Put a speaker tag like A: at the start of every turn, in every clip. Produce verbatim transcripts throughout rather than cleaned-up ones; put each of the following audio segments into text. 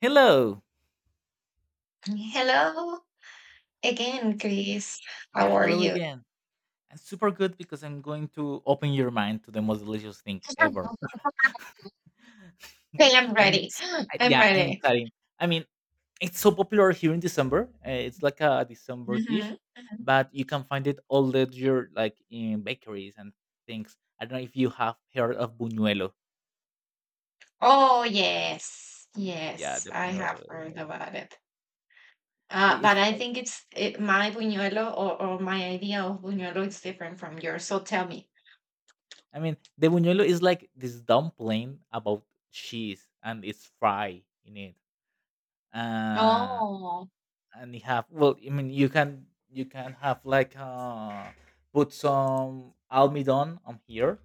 A: Hello.
B: Hello again, Chris.
A: Yeah,
B: How are
A: hello
B: you?
A: again. And super good because I'm going to open your mind to the most delicious thing ever.
B: Okay, I'm
A: I'm
B: ready.
A: excited.
B: I'm
A: Yeah, I'm
B: ready.
A: excited. I mean, it's so popular here in December. Uh, it's like a December dish,
B: Mhm, mhm.
A: but you can find it all the year, like in bakeries and things. I don't know if you have heard of buñuelo.
B: Oh yes,
A: Yeah,
B: yes,
A: the
B: I
A: buñuelo.
B: have
A: The
B: heard
A: buñuelo.
B: about it.
A: I-
B: Uh,
A: It's,
B: but I think it's it, my buñuelo or, or my idea of buñuelo is different from yours. So tell me.
A: I mean, the buñuelo is like this dumpling about cheese, and it's fried in it uh
B: Oh,
A: and you have, well i mean you can you can have like uh put some almidon on here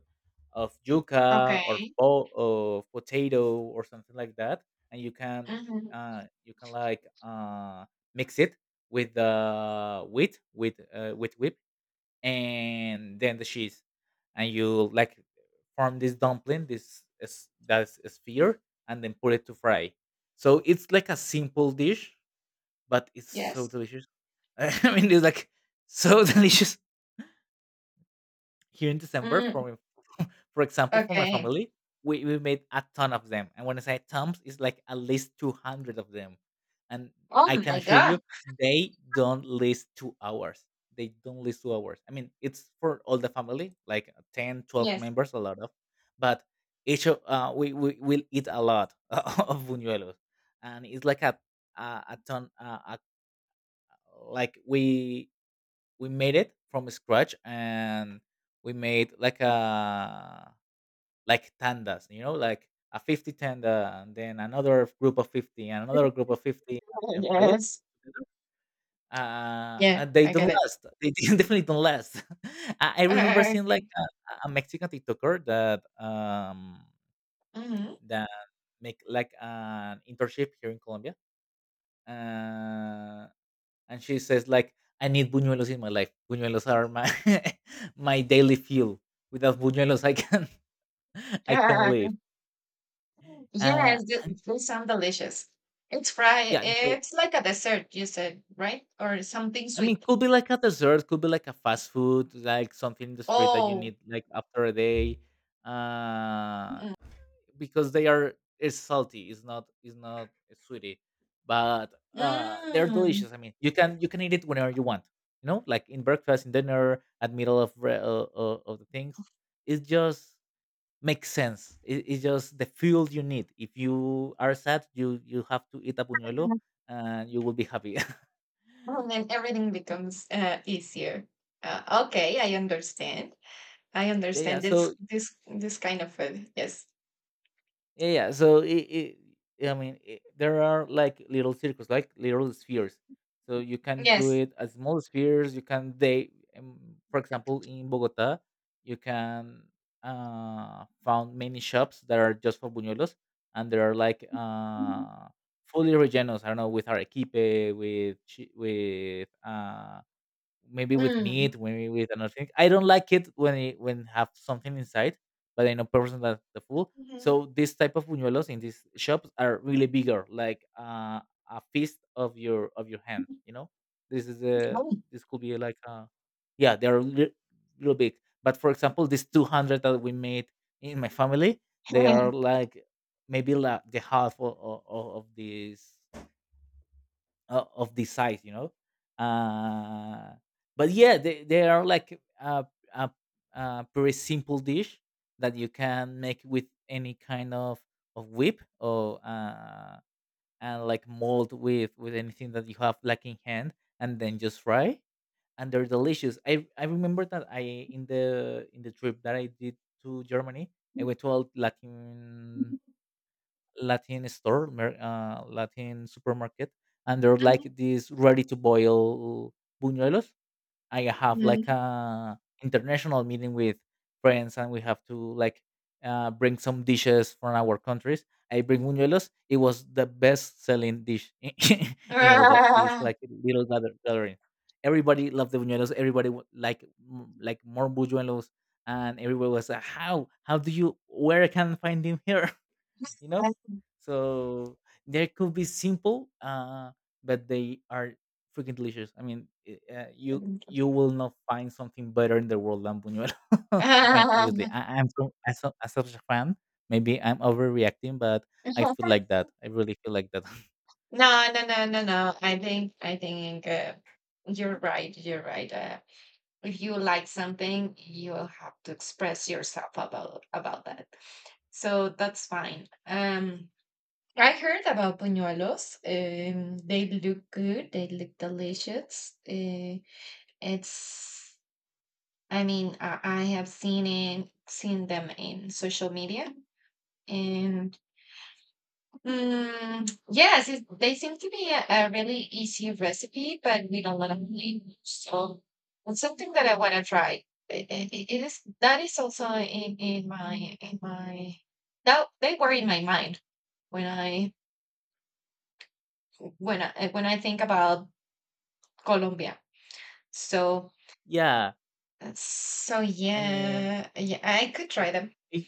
A: of yuca or
B: okay.
A: po- of potato or something like that. And you can,
B: Hmm.
A: uh you can like, uh mix it with the wheat, with uh, with whip, and then the cheese. And you like form this dumpling. This is That's a sphere, and then put it to fry. So it's like a simple dish, but it's so
B: Yes.
A: delicious. I mean, it's like so delicious here in December.
B: Mm,
A: For my, for example, for my
B: okay.
A: family, we, we made a ton of them. And when I say tons, it's like at least two hundred of them. And
B: Oh
A: I can
B: my
A: assure you,
B: God.
A: they don't last two hours. They don't last two hours. I mean, it's for all the family, like uh, ten, twelve
B: Yes.
A: members, a lot of, but each of uh, we we will eat a lot of buñuelos. And it's like a a, a ton, uh, a, like we we made it from scratch, and we made like a, like tandas, you know, like a fifty tanda, and then another group of fifty, and another group of fifty, and then fry it
B: Yes.
A: together. Uh,
B: Yeah,
A: and they
B: I
A: don't
B: get it.
A: last. They definitely don't last. I I remember seeing like
B: Okay.
A: a, a Mexican TikToker that um
B: Hmm.
A: that make like an internship here in Colombia. Uh, and she says like, "I need buñuelos in my life. Buñuelos are my my daily fuel. Without buñuelos, I can I can live." uh
B: Yes, th-
A: and
B: they sound delicious. It's fried.
A: Yeah, they,
B: It's like a dessert, you said, right? Or something
A: i mean
B: sweet.
A: could be like a dessert, could be like a fast food, like something in the street that you
B: Oh,
A: need like after a day. uh
B: mm.
A: because they are, it's salty. It's not it's not sweetie, but uh, they're
B: Mm.
A: delicious. I mean, you can you can eat it whenever you want. You know, like in breakfast, in dinner, at middle of re- uh, uh, of the things. It just makes sense. It, it's just the fuel you need. If you are sad, you you have to eat a buñuelo, and you will be happy.
B: Well, then everything becomes uh, easier. Uh, okay, I understand. I
A: Yeah, yeah.
B: understand
A: So
B: this this this kind of food. Yes.
A: Yeah, yeah. So it, it I mean, it, there are like little circles, like little spheres. So you can do
B: Yes.
A: it as small spheres. You can they, um, for example, in Bogota, you can, uh found many shops that are just for buñuelos, and there are like uh fully rellenos. I don't know, with arequipe, with chi- with uh maybe with
B: Mm.
A: meat, maybe with another thing. I don't like it when it when have something inside, but I know person that the fool.
B: Mhm.
A: So this type of buñuelos in these shops are really bigger, like uh, a fist of your of your hand. You know, this is a
B: Oh.
A: this could be like a, yeah, they are li- little big. But for example, this two hundred that we made in my family, they are like maybe like the half of, of, of this uh, of this size, you know. Uh, but yeah, they, they are like a, a, a pretty simple dish that you can make with any kind of, of whip, or uh, and like mold with with anything that you have like in hand, and then just fry. And they're delicious. I, I remember that I, in the in the trip that I did to Germany, I went to a Latin, Latin store, mer- uh, Latin supermarket, and they're like
B: Mhm.
A: these ready to boil buñuelos. I have like
B: Mm.
A: a international meeting with friends, and we have to like, uh, bring some dishes from our countries. I bring buñuelos. It was the best selling dish in in all the, these like little gather, gathering. Everybody loved the buñuelos. Everybody wa- like m- like more buñuelos, and everybody was like, "How? How do you? Where I can find him here?" You know, so they could be simple, uh but they are freaking delicious. I mean, i- uh, you you will not find something better in the world than buñuelo. I mean obviously,
B: Ah.
A: I, I'm from, as a, as a fan, maybe I'm overreacting, but I feel like that. I really feel like that.
B: No, no, no, no, no. I think I think uh, you're right. You're right. Uh, if you like something, you'll have to express yourself about about that. So that's fine. Um, I heard about buñuelos. Um, they look good. They look delicious. Uh, it's. I mean, I, I have seen it, seen them in social media, and mm, yes, it, they seem to be a, a really easy recipe, but with a lot of names. So it's something that I want to try. I- I- I- it is that is also in in my in my that they were in my mind when I when I when I think about Colombia. So
A: Yeah,
B: so
A: i mean
B: yeah, yeah, I could try them.
A: it,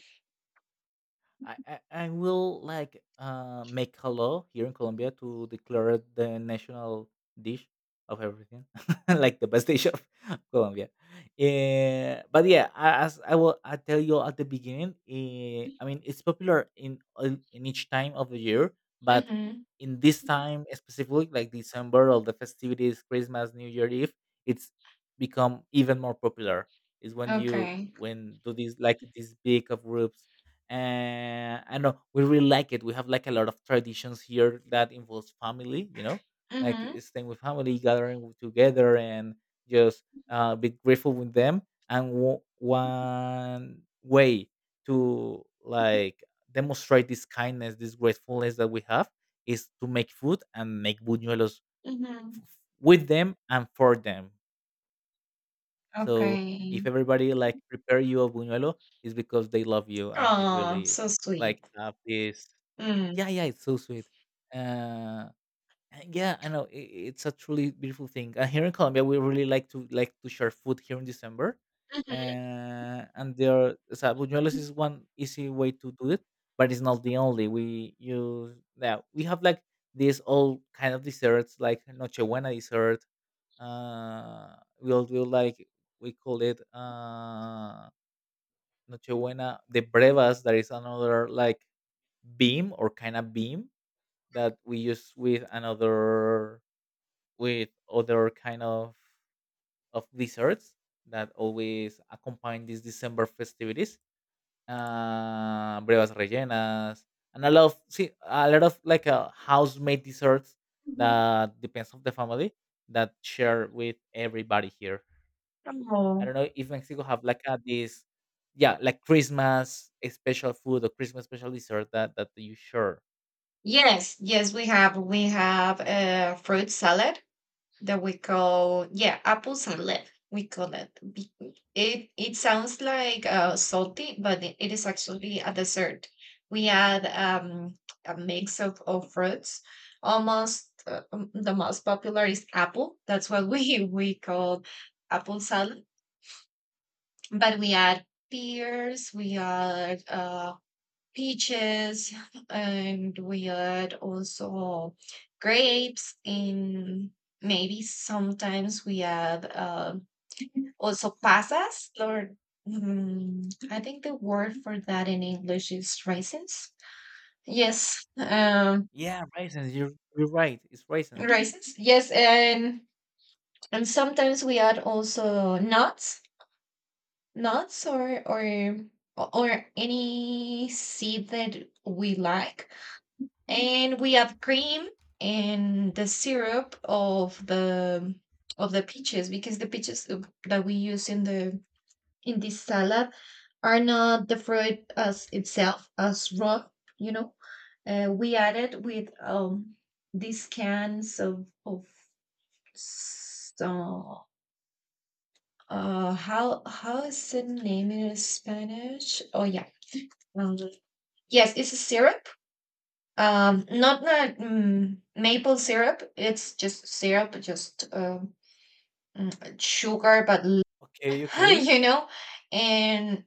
A: I, I, I will like, uh, make a law here in Colombia to declare the national dish of everything like the best dish of Colombia. Eh, but yeah, a- as I will, I tell you at the beginning. eh, I mean, it's popular in all- in each time of the year. But
B: Mm-hmm.
A: in this time specifically, like December, all the festivities, Christmas, New Year Eve, it's become even more popular. Is when you
B: Okay.
A: when do these, like these big of groups. And I know we really like it. We have like a lot of traditions here that involves family, you know, like
B: Mm-hmm.
A: staying with family, gathering together, and just, uh, be grateful with them. And w- one way to like demonstrate this kindness, this gratefulness that we have, is to make food and make buñuelos
B: Mm-hmm.
A: with them and for them. So if
B: Okay.
A: everybody like prepare you a buñuelo, it's because they love you, and they
B: Oh,
A: really
B: so sweet.
A: like have this.
B: Mm.
A: Yeah, yeah, it's so sweet. Uh, yeah, I know, i i- it's a truly beautiful thing. Uh, here in Colombia, we really like to like to share food here in December.
B: Mhm.
A: Uh, and there are- so buñuelos is one easy way to do it, but it's not the only. We use Yeah, we have like these all kind of desserts, like nochebuena dessert. Uh, we'll do like, we call it, uh nochebuena de brevas. That is another like beam, or kind of beam, that we use with another, with other kind of of desserts, that always accompany these December festivities. Uh, Brevas rellenas, and a lot of, see a lot of like, uh, house made desserts
B: Mhm.
A: that depends on the family that share with everybody here. I
B: Oh.
A: don't know if Mexico have like a, this, yeah, like Christmas a special food or Christmas special dessert that that you share.
B: Yes, yes, we have. We have a fruit salad that we call, yeah, apple salad. We call it. Be- It it sounds like uh, salty, but it it is actually a dessert. We add um, a mix of, of fruits. Almost uh, um, the most popular is apple. That's what we we call apple salad. But we add pears. We add uh, peaches and we had also grapes and maybe sometimes we had uh, also pasas or mm, I think the word for that in English is raisins, yes, um,
A: Yeah, raisins. You're you're right. It's raisins.
B: raisins, yes, and and sometimes we add also nuts, nuts or or or any seed that we like and we have cream and the syrup of the of the peaches, because the peaches uh, that we use in the in this salad are not the fruit as itself as raw, you know, uh, we added with um these cans of of so uh how how is the name in Spanish? Oh yeah. Um, yes, it's a syrup. Um, not the mm, maple syrup. It's just syrup, just um, mm, sugar, but l-
A: Okay, okay,
B: you know. And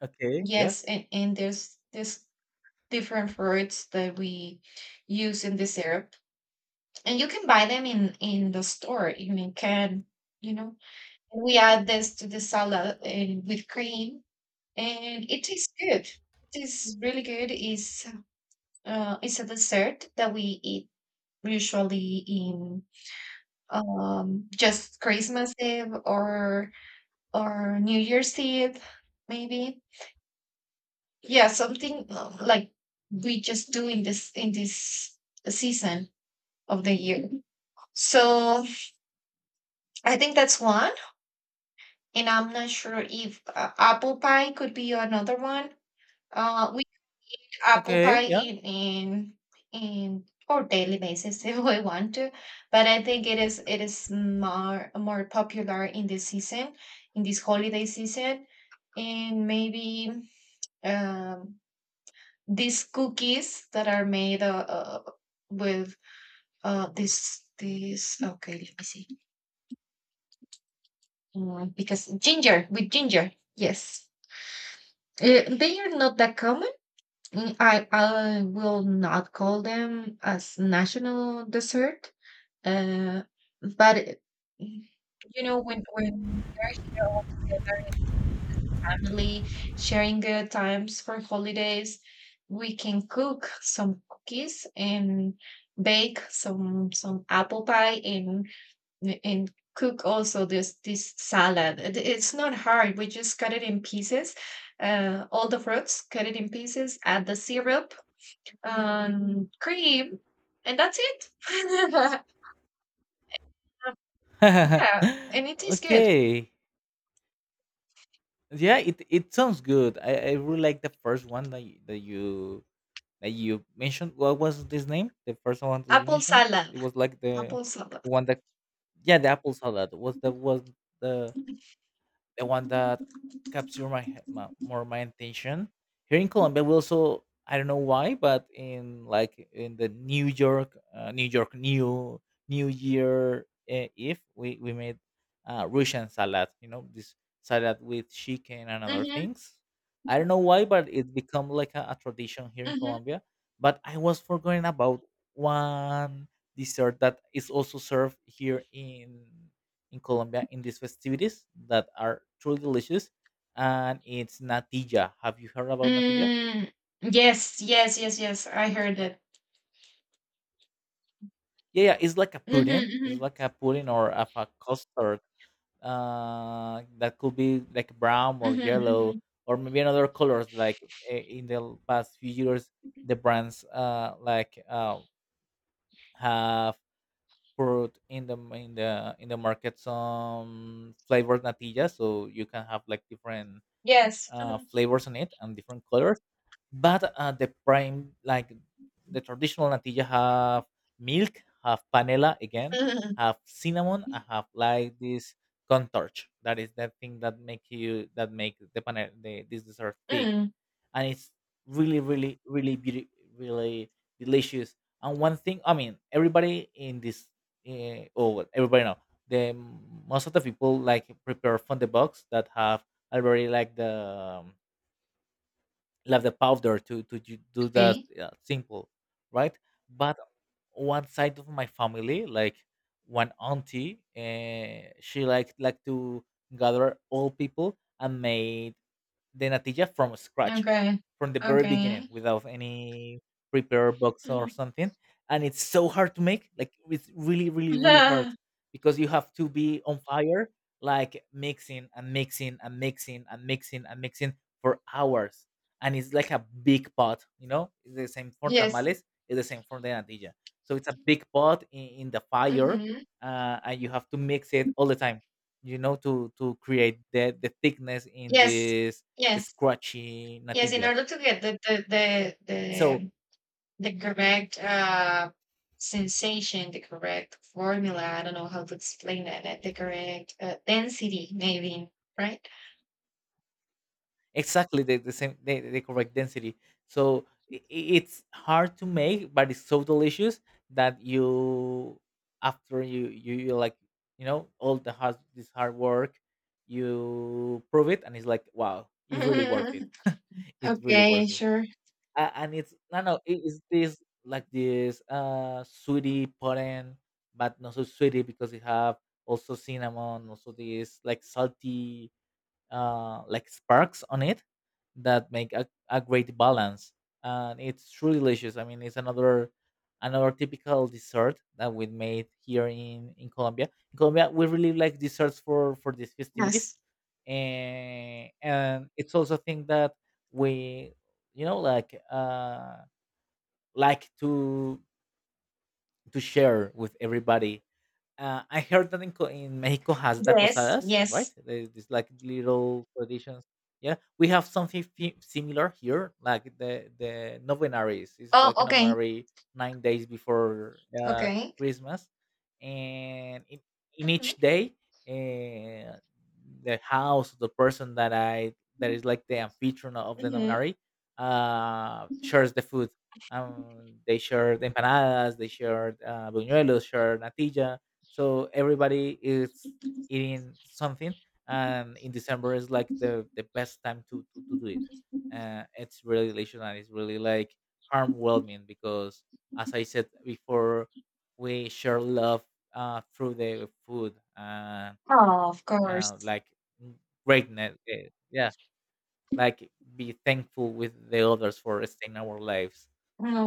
A: okay, yeah,
B: yes, and, and there's this different fruits that we use in the syrup, and you can buy them in in the store. You mean can. You know, we add this to the salad and with cream, and it tastes good. It is really good. Is uh, It's a dessert that we eat usually in um, just Christmas Eve or or New Year's Eve, maybe. Yeah, something uh, like we just do in this in this season of the year. So I think that's one, and I'm not sure if uh, apple pie could be another one. Uh, apple
A: okay,
B: pie
A: yeah,
B: in in in or daily basis if we want to, but I think it is it is more more popular in this season, in this holiday season. And maybe um these cookies that are made uh, uh with uh this this okay, let me see. Mm, because ginger, with ginger, yes. Uh, they are not that common. Mm, I I will not call them as national dessert. Uh, but it- you know, when when we are here all together, family, sharing good times for holidays, we can cook some cookies and bake some some apple pie and and cook also this this salad. It- it's not hard. We just cut it in pieces, uh, all the fruits, cut it in pieces, add the syrup, um, cream, and that's it. Yeah, and it tastes good.
A: okay, yeah. It it sounds good. I, I really like the first one that you, that you that you mentioned. What was this name? The first one that you
B: Apple
A: mentioned. It
B: salad.
A: was like the
B: Apple salad.
A: one that, yeah, the apple salad was the was the the one that capture my, he- my more my attention. Here in Colombia, we also, I don't know why, but in like in the New York, uh, New York, New New Year, uh, Eve, we we made, uh, Russian salad. You know, this salad with chicken and other
B: Mhm,
A: things. I don't know why, but it become like a, a tradition here in
B: mhm.
A: Colombia. But I was forgetting about one dessert that is also served here in in Colombia in these festivities that are truly delicious. And it's natilla. Have you heard about natilla?
B: Mm, yes, yes, yes, yes. I heard it.
A: Yeah, yeah, it's like a pudding. It's
B: Mhm,
A: like a pudding or of a custard, uh, that could be like brown or
B: mhm,
A: yellow,
B: mhm,
A: or maybe another colors. Like, eh, in the past few years,
B: mhm.
A: the brands, uh, like uh, have put in the in the in the market some flavored natilla, so you can have like different,
B: Yes.
A: uh,
B: Mhm,
A: flavors on it, and different colors. But uh, the prime, like the traditional natilla, have milk, have panela again,
B: mhm,
A: have cinnamon, and have like this contorch. That is the thing that make you, that make the panel the, this dessert thick.
B: mhm.
A: And it's really, really, really beauty, really delicious. And one thing, I mean, everybody in this, uh, oh, well, everybody now, the most of the people like prepare from the box that have already like the um, like the powder to to ju- do that,
B: Okay.
A: uh, simple, right? But one side of my family, like one auntie, uh, she liked like to gather all people and made the natilla from scratch,
B: Okay.
A: from the very beginning,
B: Okay.
A: without any prepare box or
B: Mhm.
A: something. And it's so hard to make. Like, it's really, really, really hard, because you have to be on fire, like mixing and mixing and mixing and mixing and mixing for hours. And it's like a big pot, you know. It's the same for
B: Yes.
A: tamales. It's the same for the natilla. So it's a big pot in, in the fire,
B: Mhm.
A: uh, and you have to mix it all the time you know to to create the the thickness in
B: Yes.
A: this
B: Yes.
A: scratchy
B: Yes. In
A: natilla.
B: order to get the the the
A: So
B: the, the correct uh sensation, the correct formula. I don't know how to explain that. like The correct uh, density, maybe. Right.
A: exactly the, the same, the, the correct density. So i i- it's hard to make, but it's so delicious that you, after you you, you like, you know all the hard this hard work, you prove it and it's like, wow, it really worth it. It's really
B: Okay,
A: worth it.
B: sure.
A: Uh, and it's no, no, it is this, like this uh sweetie pudding, but not so sweetie because it have also cinnamon, also this like salty uh, like sparks on it, that make a, a great balance. And it's truly delicious. I mean, it's another another typical dessert that we made here in in Colombia. In colombia we really like desserts for for these festivities.
B: Yes.
A: And and it's also a thing that we, you know like uh like to to share with everybody. uh, I heard that in, Co- in Mexico has that
B: Yes,
A: posadas, right?
B: yes.
A: There's this like little traditions. Yeah, we have something fi- similar here, like the the novenaries. It's
B: Oh,
A: like a
B: okay.
A: novenary, nine days before uh,
B: Okay.
A: Christmas, and in, in each
B: Mhm.
A: day, uh, the house of the person that I that is like the amphitryon of the
B: Mhm.
A: novenary uh, shares the food. Um, they share the empanadas, they share uh, buñuelos, share natilla, so everybody is eating something. And in december is like the the best time to to, to do it. Uh, it's really delicious, and it's really like harm whelming, because, as I said before, we share love uh, through the food, uh,
B: Oh, of course.
A: uh, like, mm, greatness, eh, yeah, like, be thankful with the others for staying our lives,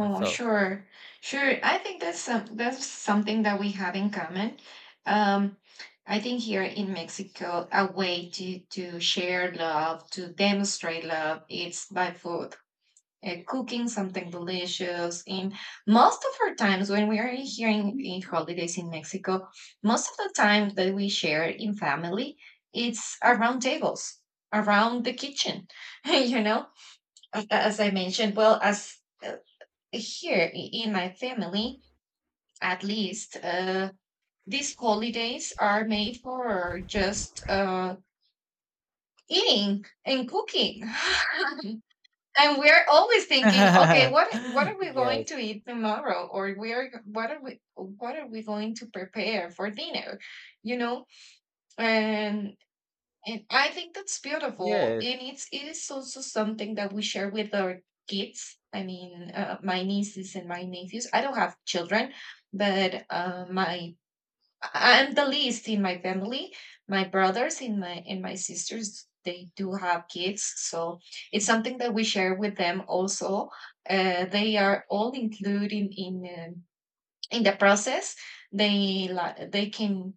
A: and so.
B: sure. Sure. I think that's some that's something that we have in common. Um, I think here in Mexico, a way to to share love, to demonstrate love, it's by food. Uh, cooking something delicious. And most of our times when we are here in, in holidays in Mexico, most of the time that we share in family, it's around tables, around the kitchen. You know, A- as I mentioned, well, as uh, here i- in my family, at least, uh, these holidays are made for just uh, eating and cooking. And we're always thinking, okay, what what are we going
A: Yes.
B: to eat tomorrow? Or we are what are we what are we going to prepare for dinner, you know? And and I think that's beautiful,
A: Yes.
B: and it's it is also something that we share with our kids. I mean, uh, my nieces and my nephews. I don't have children, but uh, my I'm the least in my family. My brothers and my and my sisters, they do have kids, so it's something that we share with them also. Uh, they are all included in in, um, in the process. They li- they can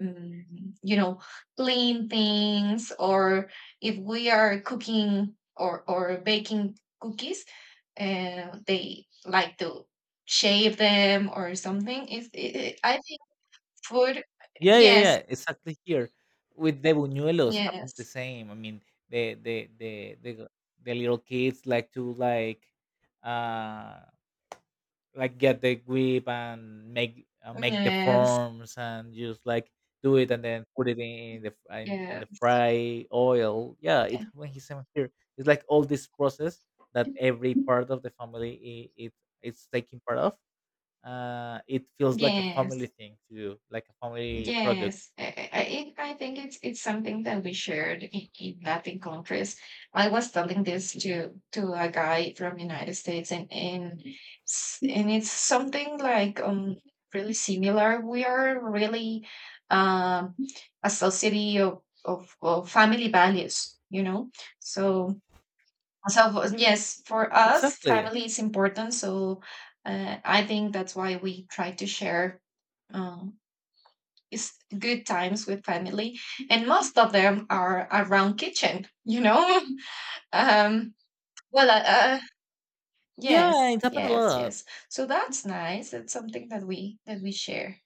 B: mm, you know, clean things, or if we are cooking or or baking cookies, uh, they like to shave them or something. If it, I think food,
A: Yeah, yeah, yeah,
B: yes.
A: exactly here. With the buñuelos happened the
B: Yes.
A: same. I mean, the the the the g- the little kids like to like uh like get the grip and make uh, make the
B: Yes.
A: forms and just like do it and then put it in the f- in, in the
B: Yes.
A: fry oil. Yeah, it
B: Yeah.
A: when he same here. It's like all this process that every part of the family, I it it's taking part of. Uh, it feels like a family
B: Yes.
A: thing to do, like a family project.
B: Yes. I, I, I it- I think it's it's something that we shared in, in Latin countries. I was telling this to to a guy from United States and and s- and it's something like um really similar. We are really um a society of of, of family values, you know. So so yes, for us,
A: Exactly.
B: family is important. So uh, I think that's why we try to share um, is good times with family, and most of them are around kitchen. You know, um, well, uh, uh,
A: Yeah,
B: yes,
A: it happened a
B: yes,
A: lot.
B: yes. So that's nice. That's something that we that we share,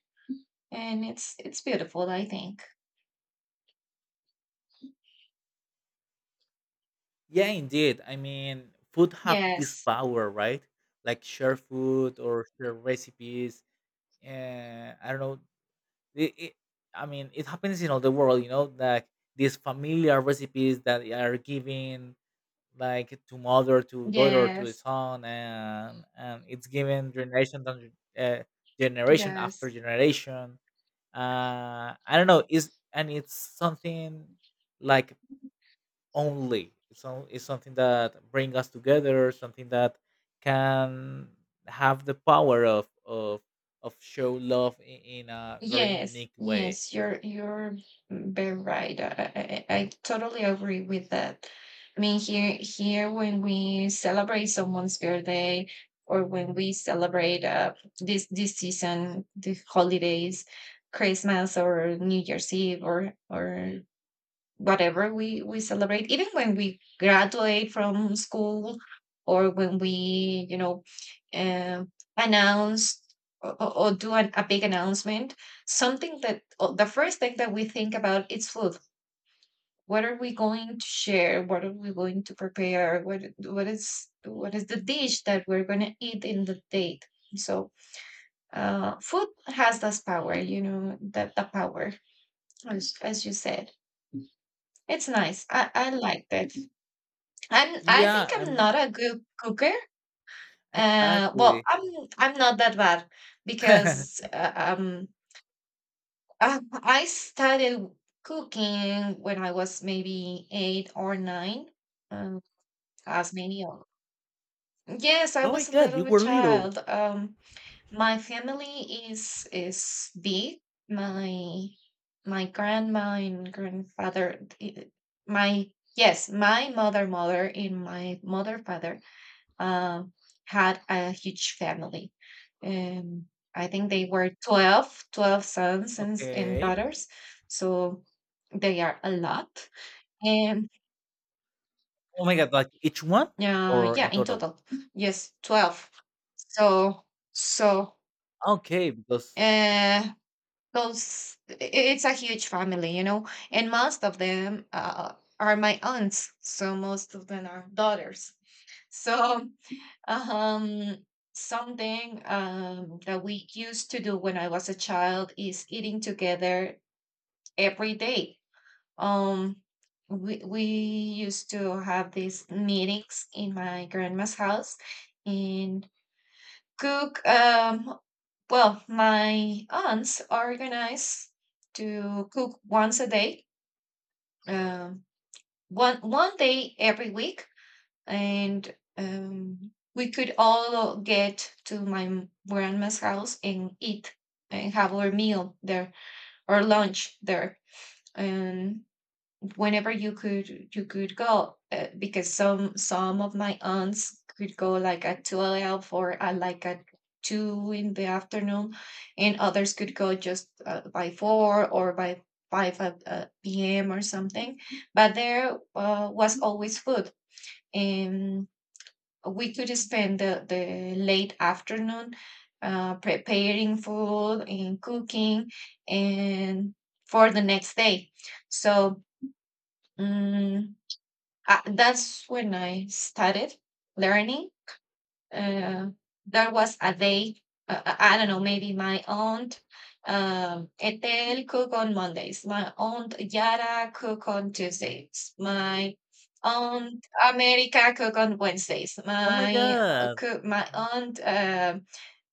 B: and it's it's beautiful, I think.
A: Yeah, indeed. I mean, food have this
B: Yes,
A: power, right? Like, share food or share recipes. Uh, I don't know. It, it, I mean, it happens in all the world, you know, like these familiar recipes that are given, like, to mother, to daughter, to
B: yes,
A: son, and and it's given generation to, uh, generation after
B: yes.
A: generation. Uh, I don't know. Is And it's something like only. It's on, it's something that bring us together, something that can have the power of of of show love in, in a very
B: Yes,
A: unique way.
B: yes, you're you're very right. I, I, I totally agree with that. I mean, here here when we celebrate someone's birthday or when we celebrate uh, this this season, the holidays, Christmas or New Year's Eve or or whatever we we celebrate, even when we graduate from school or when we you know um, announce or, or or do an, a big announcement, something that uh, the first thing that we think about is food. What are we going to share? What are we going to prepare? What what is what is the dish that we're going to eat in the date? So uh, food has this power, you know, that the power, as, as you said, it's nice. i, I liked it. I'm, I think
A: Yeah,
B: I'm
A: I'm,
B: not a good cooker. Uh, well,
A: exactly.
B: i'm I'm not that bad, because uh, um um, I started cooking when I was maybe eight or nine, um, as many of yes, I
A: Oh my
B: was a
A: God,
B: little
A: you
B: bit
A: were little.
B: child. Um, my family is is big. My my grandma and grandfather, eh, my yes, my mother, mother, and my mother, father uh, had a huge family. Um, I think they were twelve, twelve sons and, and
A: Okay.
B: daughters. So they are a lot. And
A: Oh my God, like, each one
B: uh,
A: or in
B: yeah, in
A: total?
B: total, yes, twelve. So, so,
A: Okay, because,
B: uh, those, i- it's a huge family, you know, and most of them uh, are my aunts. So most of them are daughters. So, um, something um, that we used to do when I was a child is eating together every day. Um, we we used to have these meetings in my grandma's house and cook. Um, well, my aunts organize to cook once a day, um, one one day every week, and um, we could all get to my grandma's house and eat and have our meal there or lunch there and whenever you could, you could go uh, because some some of my aunts could go like at noon or at like at two in the afternoon and others could go just uh, by four or by five at, uh, p.m or something, but there uh, was always food and we could spend the, the late afternoon uh, preparing food and cooking and for the next day. So um, I, that's when I started learning uh, there was a day, uh, I I don't know, maybe my aunt um, Ethel cook on Mondays, my aunt Yara cook on Tuesdays, my aunt America cook on Wednesdays,
A: oh my
B: my uh,
A: God.
B: cook, my aunt um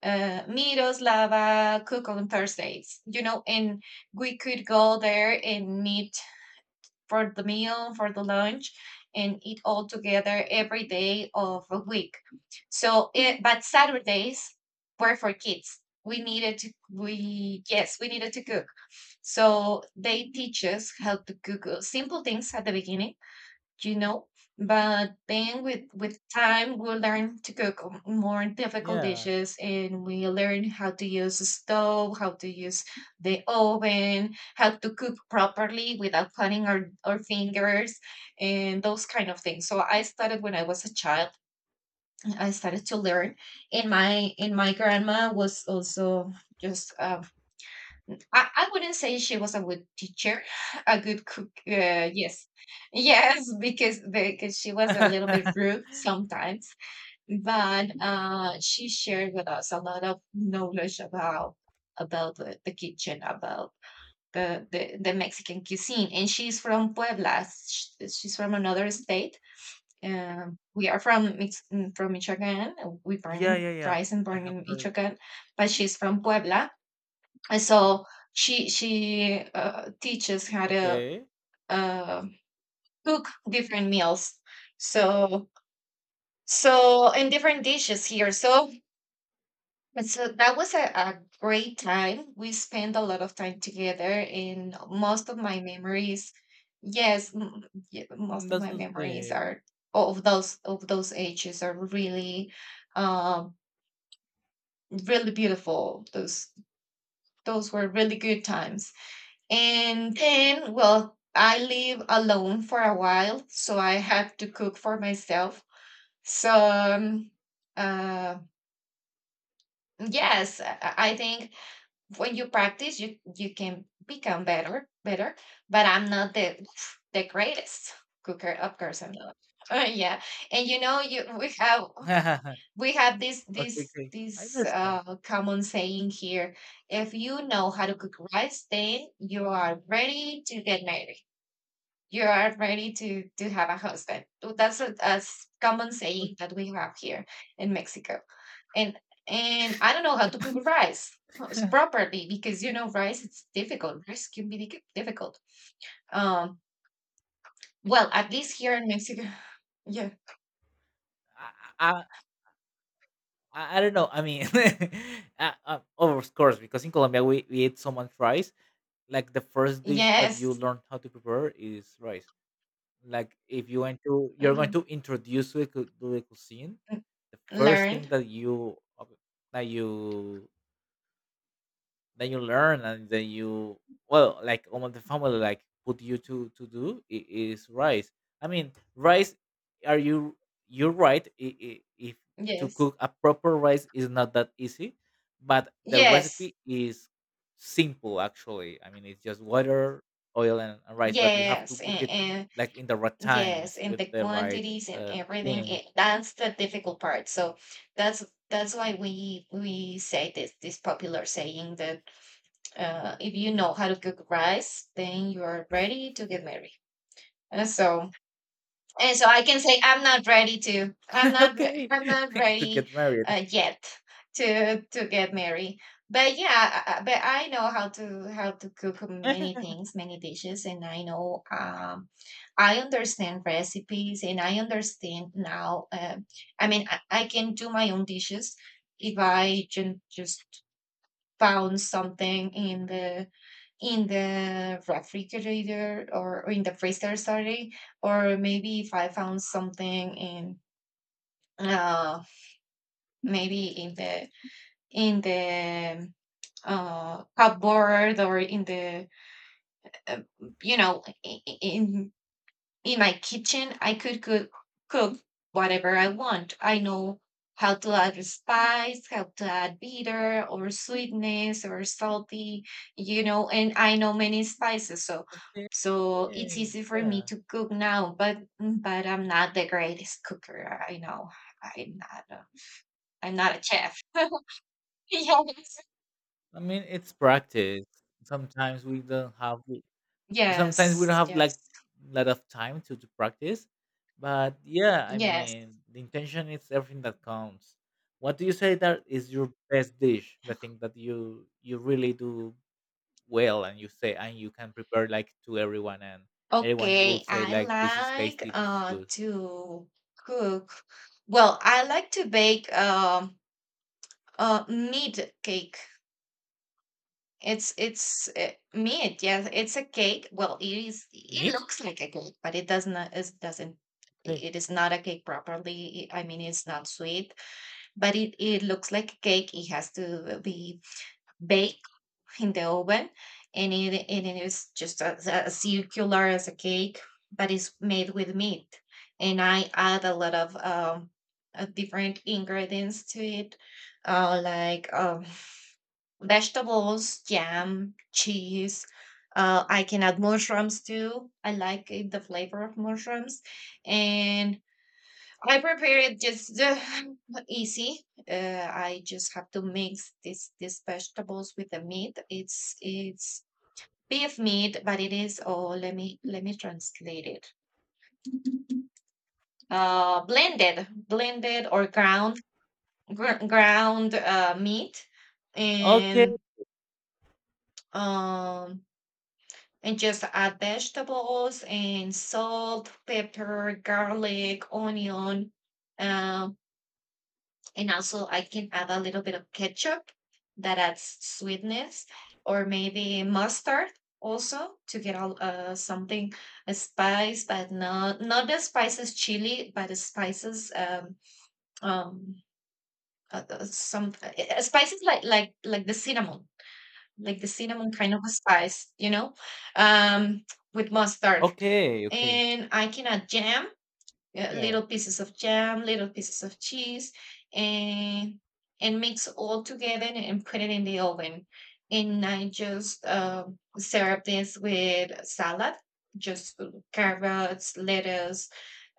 B: uh, Miroslava cook on Thursdays. You know, and we could go there and meet for the meal, for the lunch, and eat all together every day of a week. So, it, but Saturdays were for kids. We needed to, we, yes, we needed to cook. So they teach us how to cook uh, simple things at the beginning you know. But then with with time, we learn to cook m- more difficult
A: Yeah.
B: dishes, and we learn how to use the stove, how to use the oven, how to cook properly without cutting our, our fingers, and those kind of things. So I started when I was a child. I started to learn, and my and my grandma was also just um, I, I wouldn't say she was a good teacher, a good cook. Uh, yes, yes, because because she was a little bit rude sometimes, but uh, she shared with us a lot of knowledge about about the, the kitchen, about the, the the Mexican cuisine. And she's from Puebla. sh- She's from another state. Um, we are from Mix- mm, from Michoacan. We born
A: Yeah,
B: in
A: yeah, yeah.
B: rise and
A: I
B: born
A: have
B: in
A: heard.
B: Michoacan, but she's from Puebla and so she she uh, teaches how to
A: Okay.
B: uh, cook different meals. So so and different dishes here. So and so that was a, a great time. We spent a lot of time together, and most of my memories, yes, m- y-
A: Mm,
B: most of
A: that's
B: my
A: so
B: memories
A: sweet.
B: are of those of those ages are really, um, really beautiful. Those those were really good times. And then, well, I live alone for a while, so I have to cook for myself. So, um, uh, yes, I I- think when you practice, you you can become better, better. But I'm not the the greatest cooker, of course, I'm not. Uh, yeah, and you know, you we have we have this
A: Okay,
B: this
A: okay. I
B: this
A: understand.
B: uh, common saying here: if you know how to cook rice, then you are ready to get married, you are ready to to have a husband. So that's a, a s- common saying that we have here in Mexico. And and I don't know how to cook rice uh, s- properly because you know rice it's difficult. Rice can be dic- difficult. Um, well, at least here in Mexico, yeah,
A: I I I I don't know. I mean, uh, uh, of course, because in Colombia, we, we eat so much rice. Like, the first dish that you
B: yes,
A: learn how to prepare is rice. Like, if you want to, you're going to
B: mhm,
A: introduce to the cu- to the cuisine.
B: n-
A: The first
B: learn,
A: thing that you uh, that you that you learn, and then you, well, like, almost the family, like, put you to to do i- is rice. I mean, rice, are you you're right. I- i- if to
B: yes,
A: cook a proper rice is not that easy, but the
B: yes,
A: recipe is simple, actually. I mean, it's just water, oil, and and rice, but you have to
B: yes,
A: cook it,
B: and,
A: like, in the right
B: yes,
A: times,
B: and
A: with
B: the
A: the right
B: quantities and
A: uh
B: everything,
A: thing.
B: it, that's the difficult part. So that's that's why we we say this this popular saying that uh, if you know how to cook rice, then you are ready to get married. Uh, So and so I can say i'm not ready to i'm not re-
A: Okay.
B: I'm not
A: To
B: ready
A: get married.
B: uh, yet to to get married, but yeah, I- I- but I know how to how to cook many things, many dishes, and I know um I understand recipes, and I understand now uh, I mean, I, I can do my own dishes if I can just found something in the in the refrigerator, or, or in the freezer, sorry, or maybe if I found something in uh maybe in the in the um, uh cupboard or in the uh, you know, i- in in my kitchen I could cook, cook whatever I want. I know how to add spice, how to add bitter or sweetness or salty, you know, and I know many spices. So
A: Okay.
B: so it's easy for me
A: Yeah,
B: to cook now, but but I'm not the greatest cooker, I know. I'm not a, I'm not a chef. Yes,
A: I mean, it's practice. Sometimes we don't have. Sometimes we don't
B: yes,
A: have
B: yes,
A: like lot of time to, to practice, but yeah, I
B: yes.
A: mean, the intention is everything that counts. What do you say that is your best dish? The thing that you you really do well, and you say, and you can prepare like to everyone, and everyone will
B: Okay,
A: say,
B: I
A: like, this is
B: like
A: tasty, this is
B: uh
A: good.
B: to cook. Well, I like to bake um uh meat cake. It's it's uh, meat, yes, it's a cake. Well, it is it
A: Neat.
B: looks like a cake, but it does not it doesn't,
A: Okay.
B: it is not a cake properly. I mean, it's not sweet, but it it looks like a cake. It has to be baked in the oven, and it and it is just as, as circular as a cake, but it's made with meat, and I add a lot of um uh, different ingredients to it, uh like um vegetables, jam, cheese, uh, I can add mushrooms too. I like it, the flavor of mushrooms, and I prepare it just uh, easy. Uh, I just have to mix this these vegetables with the meat. It's it's beef meat, but it is, oh, let me let me translate it. Uh, blended, blended or ground gr- ground uh, meat,
A: Okay.
B: and um and just add vegetables and salt, pepper, garlic, onion, um and also, I can add a little bit of ketchup that adds sweetness, or maybe mustard also to get all, uh, something, a spice, but not not the spices chili, but the spices um um uh, uh, some uh, uh, spices like like like the cinnamon, like the cinnamon kind of a spice, you know, um with mustard,
A: Okay. Okay.
B: and I can add jam, uh,
A: Yeah.
B: little pieces of jam, little pieces of cheese, and and mix all together and put it in the oven. And I just um serve this with salad, just carrots, lettuce,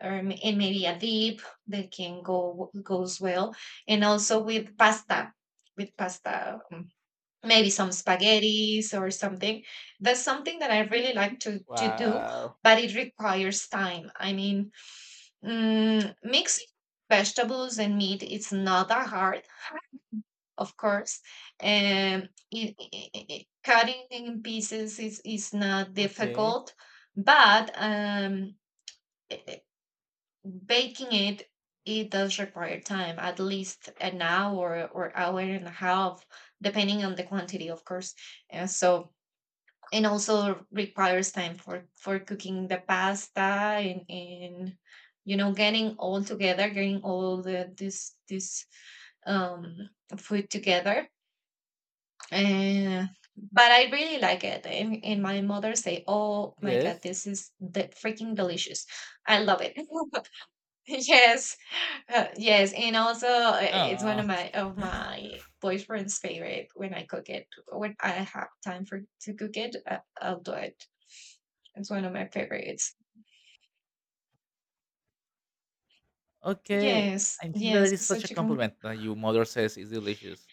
B: um, and maybe a dip that can go goes well. And also with pasta, with pasta, um, maybe some spaghettis or something. That's something that I really like to to do,
A: Wow.
B: but it requires time. I mean, mm, mixing vegetables and meat it's not that hard, of course. Um, it, i i- cutting in pieces is, is not
A: Okay.
B: difficult, but um, i- i- baking it, it does require time, at least an hour or hour and a half, depending on the quantity, of course. And so and also requires time for for cooking the pasta, and and you know, getting all together, getting all the this this um food together, and but I really like it, and, and my mother say, oh my god,
A: Yes.
B: this is the freaking delicious, I love it. Yes, uh, yes, and also uh, it's one
A: Ah.
B: of my of my boyfriend's favorite. When I cook it, when I have time for to cook it, uh, I'll do it. It's one of my favorites.
A: Okay,
B: Yes,
A: I think that
B: yes,
A: is
B: it's
A: such a
B: such a com—
A: compliment that your mother says is delicious.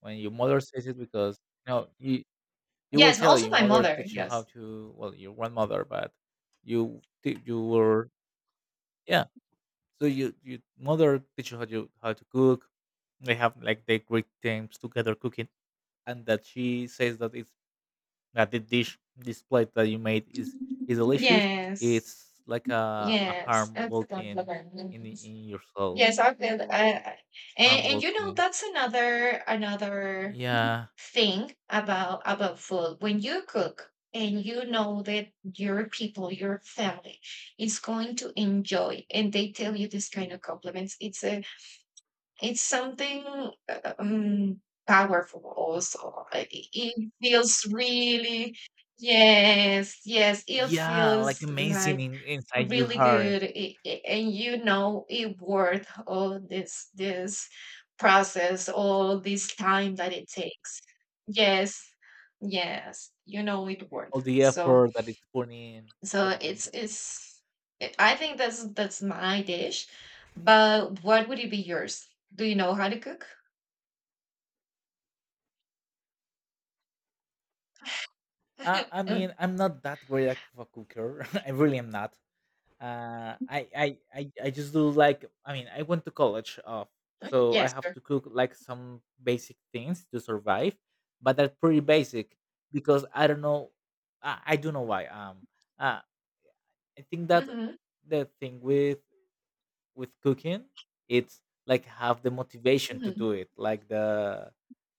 A: When your mother says it, because, you know you you will
B: Yes, and
A: tell,
B: also
A: your
B: my
A: mother
B: mother,
A: teach you how
B: yes.
A: to, well, your grandmother, but you ti- you were, yeah. So, you your mother teach you how to how to cook. They have, like, they great times together cooking, and that she says that it's that the dish this plate that you made is is delicious.
B: Yes,
A: It's like a a
B: yes,
A: harm
B: that's a
A: walking
B: compliment.
A: in in your soul,
B: Yes, I feel, I I
A: harm
B: and and, you know,
A: welcoming.
B: that's another another
A: Yeah,
B: thing about about food. When you cook and you know that your people, your family is going to enjoy, and they tell you this kind of compliments, it's a— it's something, uh, um, powerful also. I i- It feels really, yes, yes, it
A: yeah, like,
B: feels
A: amazing,
B: like
A: in, inside your
B: really
A: heart,
B: good, i- i- and you know it worth all this this process, all this time that it takes. Yes, yes, you know it
A: all
B: worth.
A: the
B: So
A: effort that it's putting in,
B: so
A: putting in.
B: it's it's it- I think that's that's my dish. But what would it be yours? Do you know how to cook?
A: Uh, I
B: Uh,
A: mean, I'm not that great of a cooker. I really am not. Uh, I, I, I, I just do like. I mean, I went to college, uh, so I
B: yes,
A: have
B: sure.
A: to cook like some basic things to survive, but they're pretty basic, because I don't know. I, I don't know why. Um, uh, I think that
B: Hmm.
A: the thing with with cooking, it's like, have the motivation to do
B: Hmm.
A: it, like the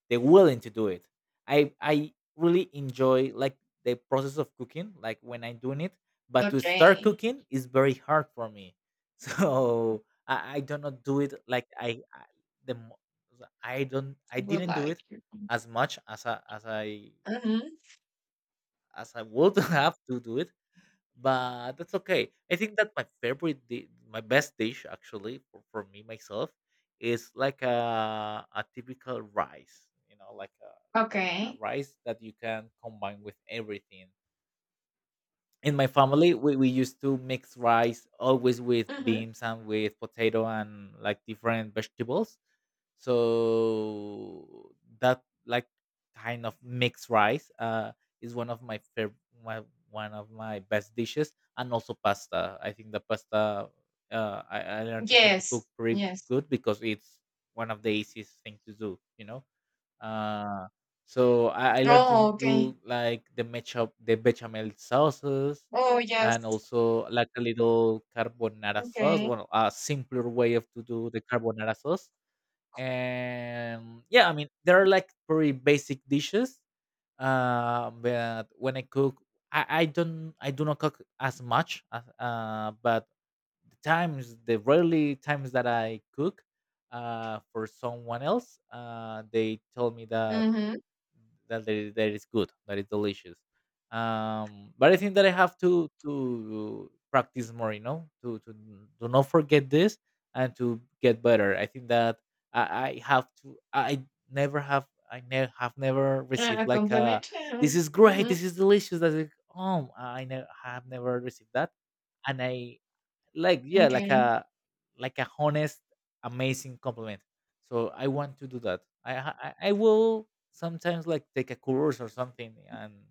A: the willing to do it. I i really enjoy, like, the process of cooking, like, when I'm doing it, but to start
B: Okay.
A: cooking is very hard for me. So i i do not do it like, I, I the mo- I don't I
B: Would
A: didn't do it,
B: like you.
A: as much as i as i
B: Hmm.
A: as i would have to do it. But that's okay. I think that my favorite, di- my best dish actually, for, for me myself, is like a a typical rice, you know, like a, a
B: Okay.
A: rice that you can combine with everything. In my family, we, we used to mix rice always with
B: Hmm.
A: beans and with potato and like different vegetables, so that, like, kind of mixed rice uh is one of my favorite, my, one of my best dishes. And also pasta. I think the pasta, uh I, I learned how to cook
B: Yes.
A: pretty
B: Yes.
A: good, because it's one of the easiest thing to do, you know uh, so I, I learned to
B: Oh, okay.
A: do, like, the matchup, the bechamel sauces,
B: Oh,
A: and
B: yes.
A: also like a little carbonara sauce.
B: Okay.
A: Well, a simpler way of to do the carbonara sauce. And yeah, I mean, there are like pretty basic dishes. Uh, but when I cook, I, I don't, I do not cook as much. As, uh, but the times, the rarely times that I cook, uh, for someone else, uh, they tell me that
B: Mm-hmm.
A: that that is, that is good, that is delicious. Um, but I think that I have to to practice more, you know, to to to not forget this, and to get better. I think that I, I have to. I never have. I never have never received
B: A
A: like a,
B: compliment.
A: this is great,
B: Mm-hmm.
A: this is delicious. That's like, oh, I ne- have never received that, and I, like, yeah, like
B: Okay.
A: a like a honest, amazing compliment. So I want to do that. I i, I will sometimes, like, take a course or something. and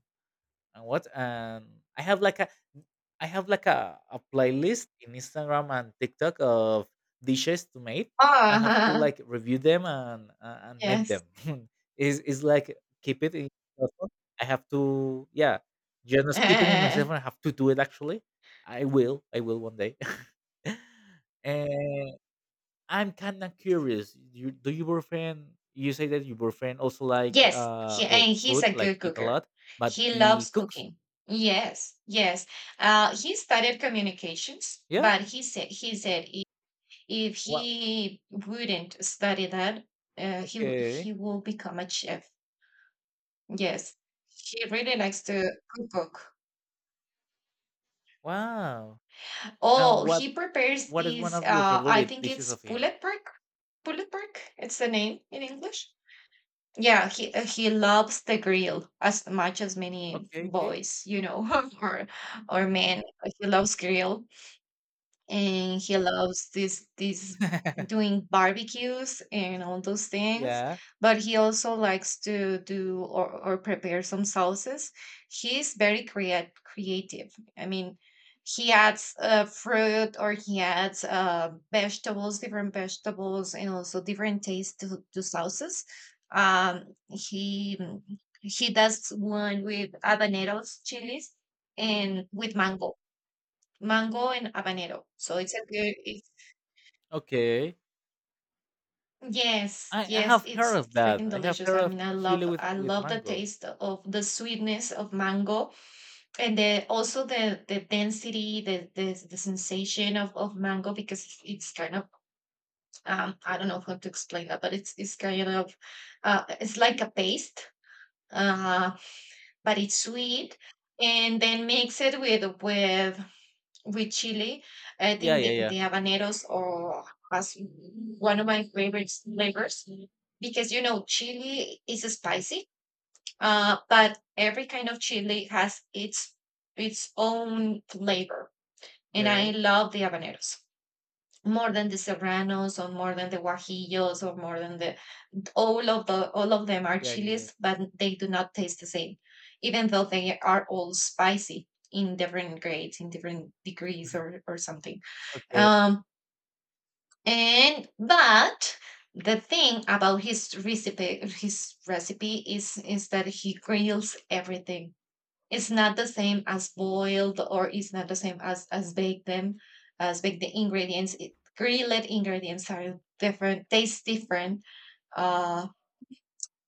A: and what and i have like a I have like a, a playlist in Instagram and TikTok of dishes to make. I have to,
B: Ah,
A: like, review them, and uh, and make them.
B: yes.
A: Is, is like, keep it in my phone. I have to, yeah, just not keep it in myself, and I have to do it actually. I will i will one day. And I'm kind of curious, you, do your boyfriend you say that your boyfriend also like,
B: Yes,
A: uh
B: he,
A: well,
B: and he's
A: food,
B: a
A: like,
B: good
A: eat a
B: cooker.
A: lot, but
B: He
A: he
B: loves
A: cooks.
B: cooking. Yes, yes. Uh, he studied communications,
A: Yeah?
B: but he said he said i- if
A: Wow.
B: he wouldn't study that, uh, he w-
A: Okay.
B: he will become a chef. Yes, he really likes to cook.
A: Wow. And
B: Oh,
A: what
B: he prepares
A: what is one
B: these.
A: of your
B: Uh, I
A: favorite
B: think
A: dishes
B: it's
A: of
B: pulled
A: him?
B: pork. Pulled pork. It's the name in English. Yeah, he uh, he loves the grill as much as many
A: Okay, okay.
B: boys, you know, or or men. He loves grill and he loves this this doing barbecues and all those things,
A: Yeah.
B: but he also likes to do, or, or prepare some sauces. He's very creat- creative. I mean, he adds uh, fruit, or he adds uh, vegetables, different vegetables, and also different taste to, to sauces. um, he he does one with habaneros chilies and with mango, mango and habanero. So it's a good. It's,
A: Okay.
B: yes,
A: I, I
B: yes,
A: have heard
B: it's
A: of that.
B: freaking
A: I have
B: delicious.
A: heard
B: I
A: of
B: mean, I
A: chili
B: love,
A: with
B: I
A: with
B: love the
A: mango.
B: taste of the sweetness of mango, and the also the the density, the the, the sensation of of mango because it's, it's kind of um I don't know how to explain that, but it's it's kind of uh it's like a paste, uh but it's sweet, and then mix it with with with chili. I
A: Yeah,
B: think
A: yeah,
B: the,
A: yeah.
B: the habaneros or as one of my favorite flavors, because you know chili is spicy, uh, but every kind of chili has its its own flavor, and I
A: Yes.
B: love the habaneros more than the serranos or more than the guajillos or more than the— all of the all of them are
A: Yeah, yeah, yeah.
B: chilies, but they do not taste the same, even though they are all spicy in different grades, in different degrees or or something.
A: Okay.
B: Um, and but the thing about his recipe, his recipe is is that he grills everything. It's not the same as boiled, or it's not the same as as baked them, as baked the ingredients. It, grilled ingredients are different, taste different. Uh,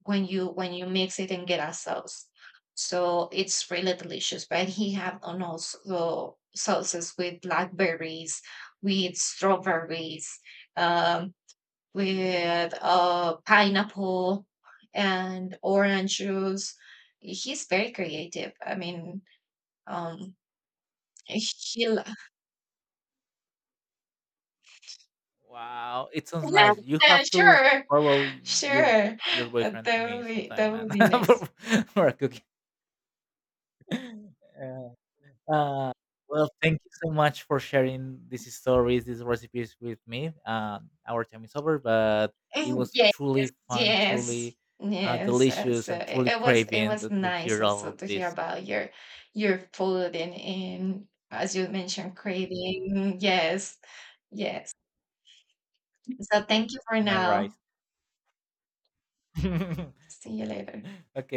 B: when you when you mix it and get a sauce. So it's really delicious. But he have on also sauces with blackberries, with strawberries, um, with uh, pineapple and orange juice. He's very creative. I mean, um, he lo-
A: Wow, it sounds nice. You
B: yeah,
A: have to
B: sure,
A: borrow y- you
B: sure.
A: your boyfriend to
B: That
A: me
B: would be
A: sometime,
B: that
A: man,
B: would be
A: for,
B: nice.
A: for a Uh, well, thank you so much for sharing these stories, these recipes with me. Um, our time is over, but it was
B: Yes,
A: truly fun,
B: yes,
A: truly, uh,
B: yes. uh,
A: delicious,
B: So
A: and
B: it,
A: truly
B: it was it
A: craving
B: was
A: to, to
B: nice
A: hear all
B: also
A: of
B: to hear
A: this.
B: about your your food and and as you mentioned, creating. Yes, yes. So thank you for
A: My
B: now.
A: rice.
B: See you later.
A: Okay.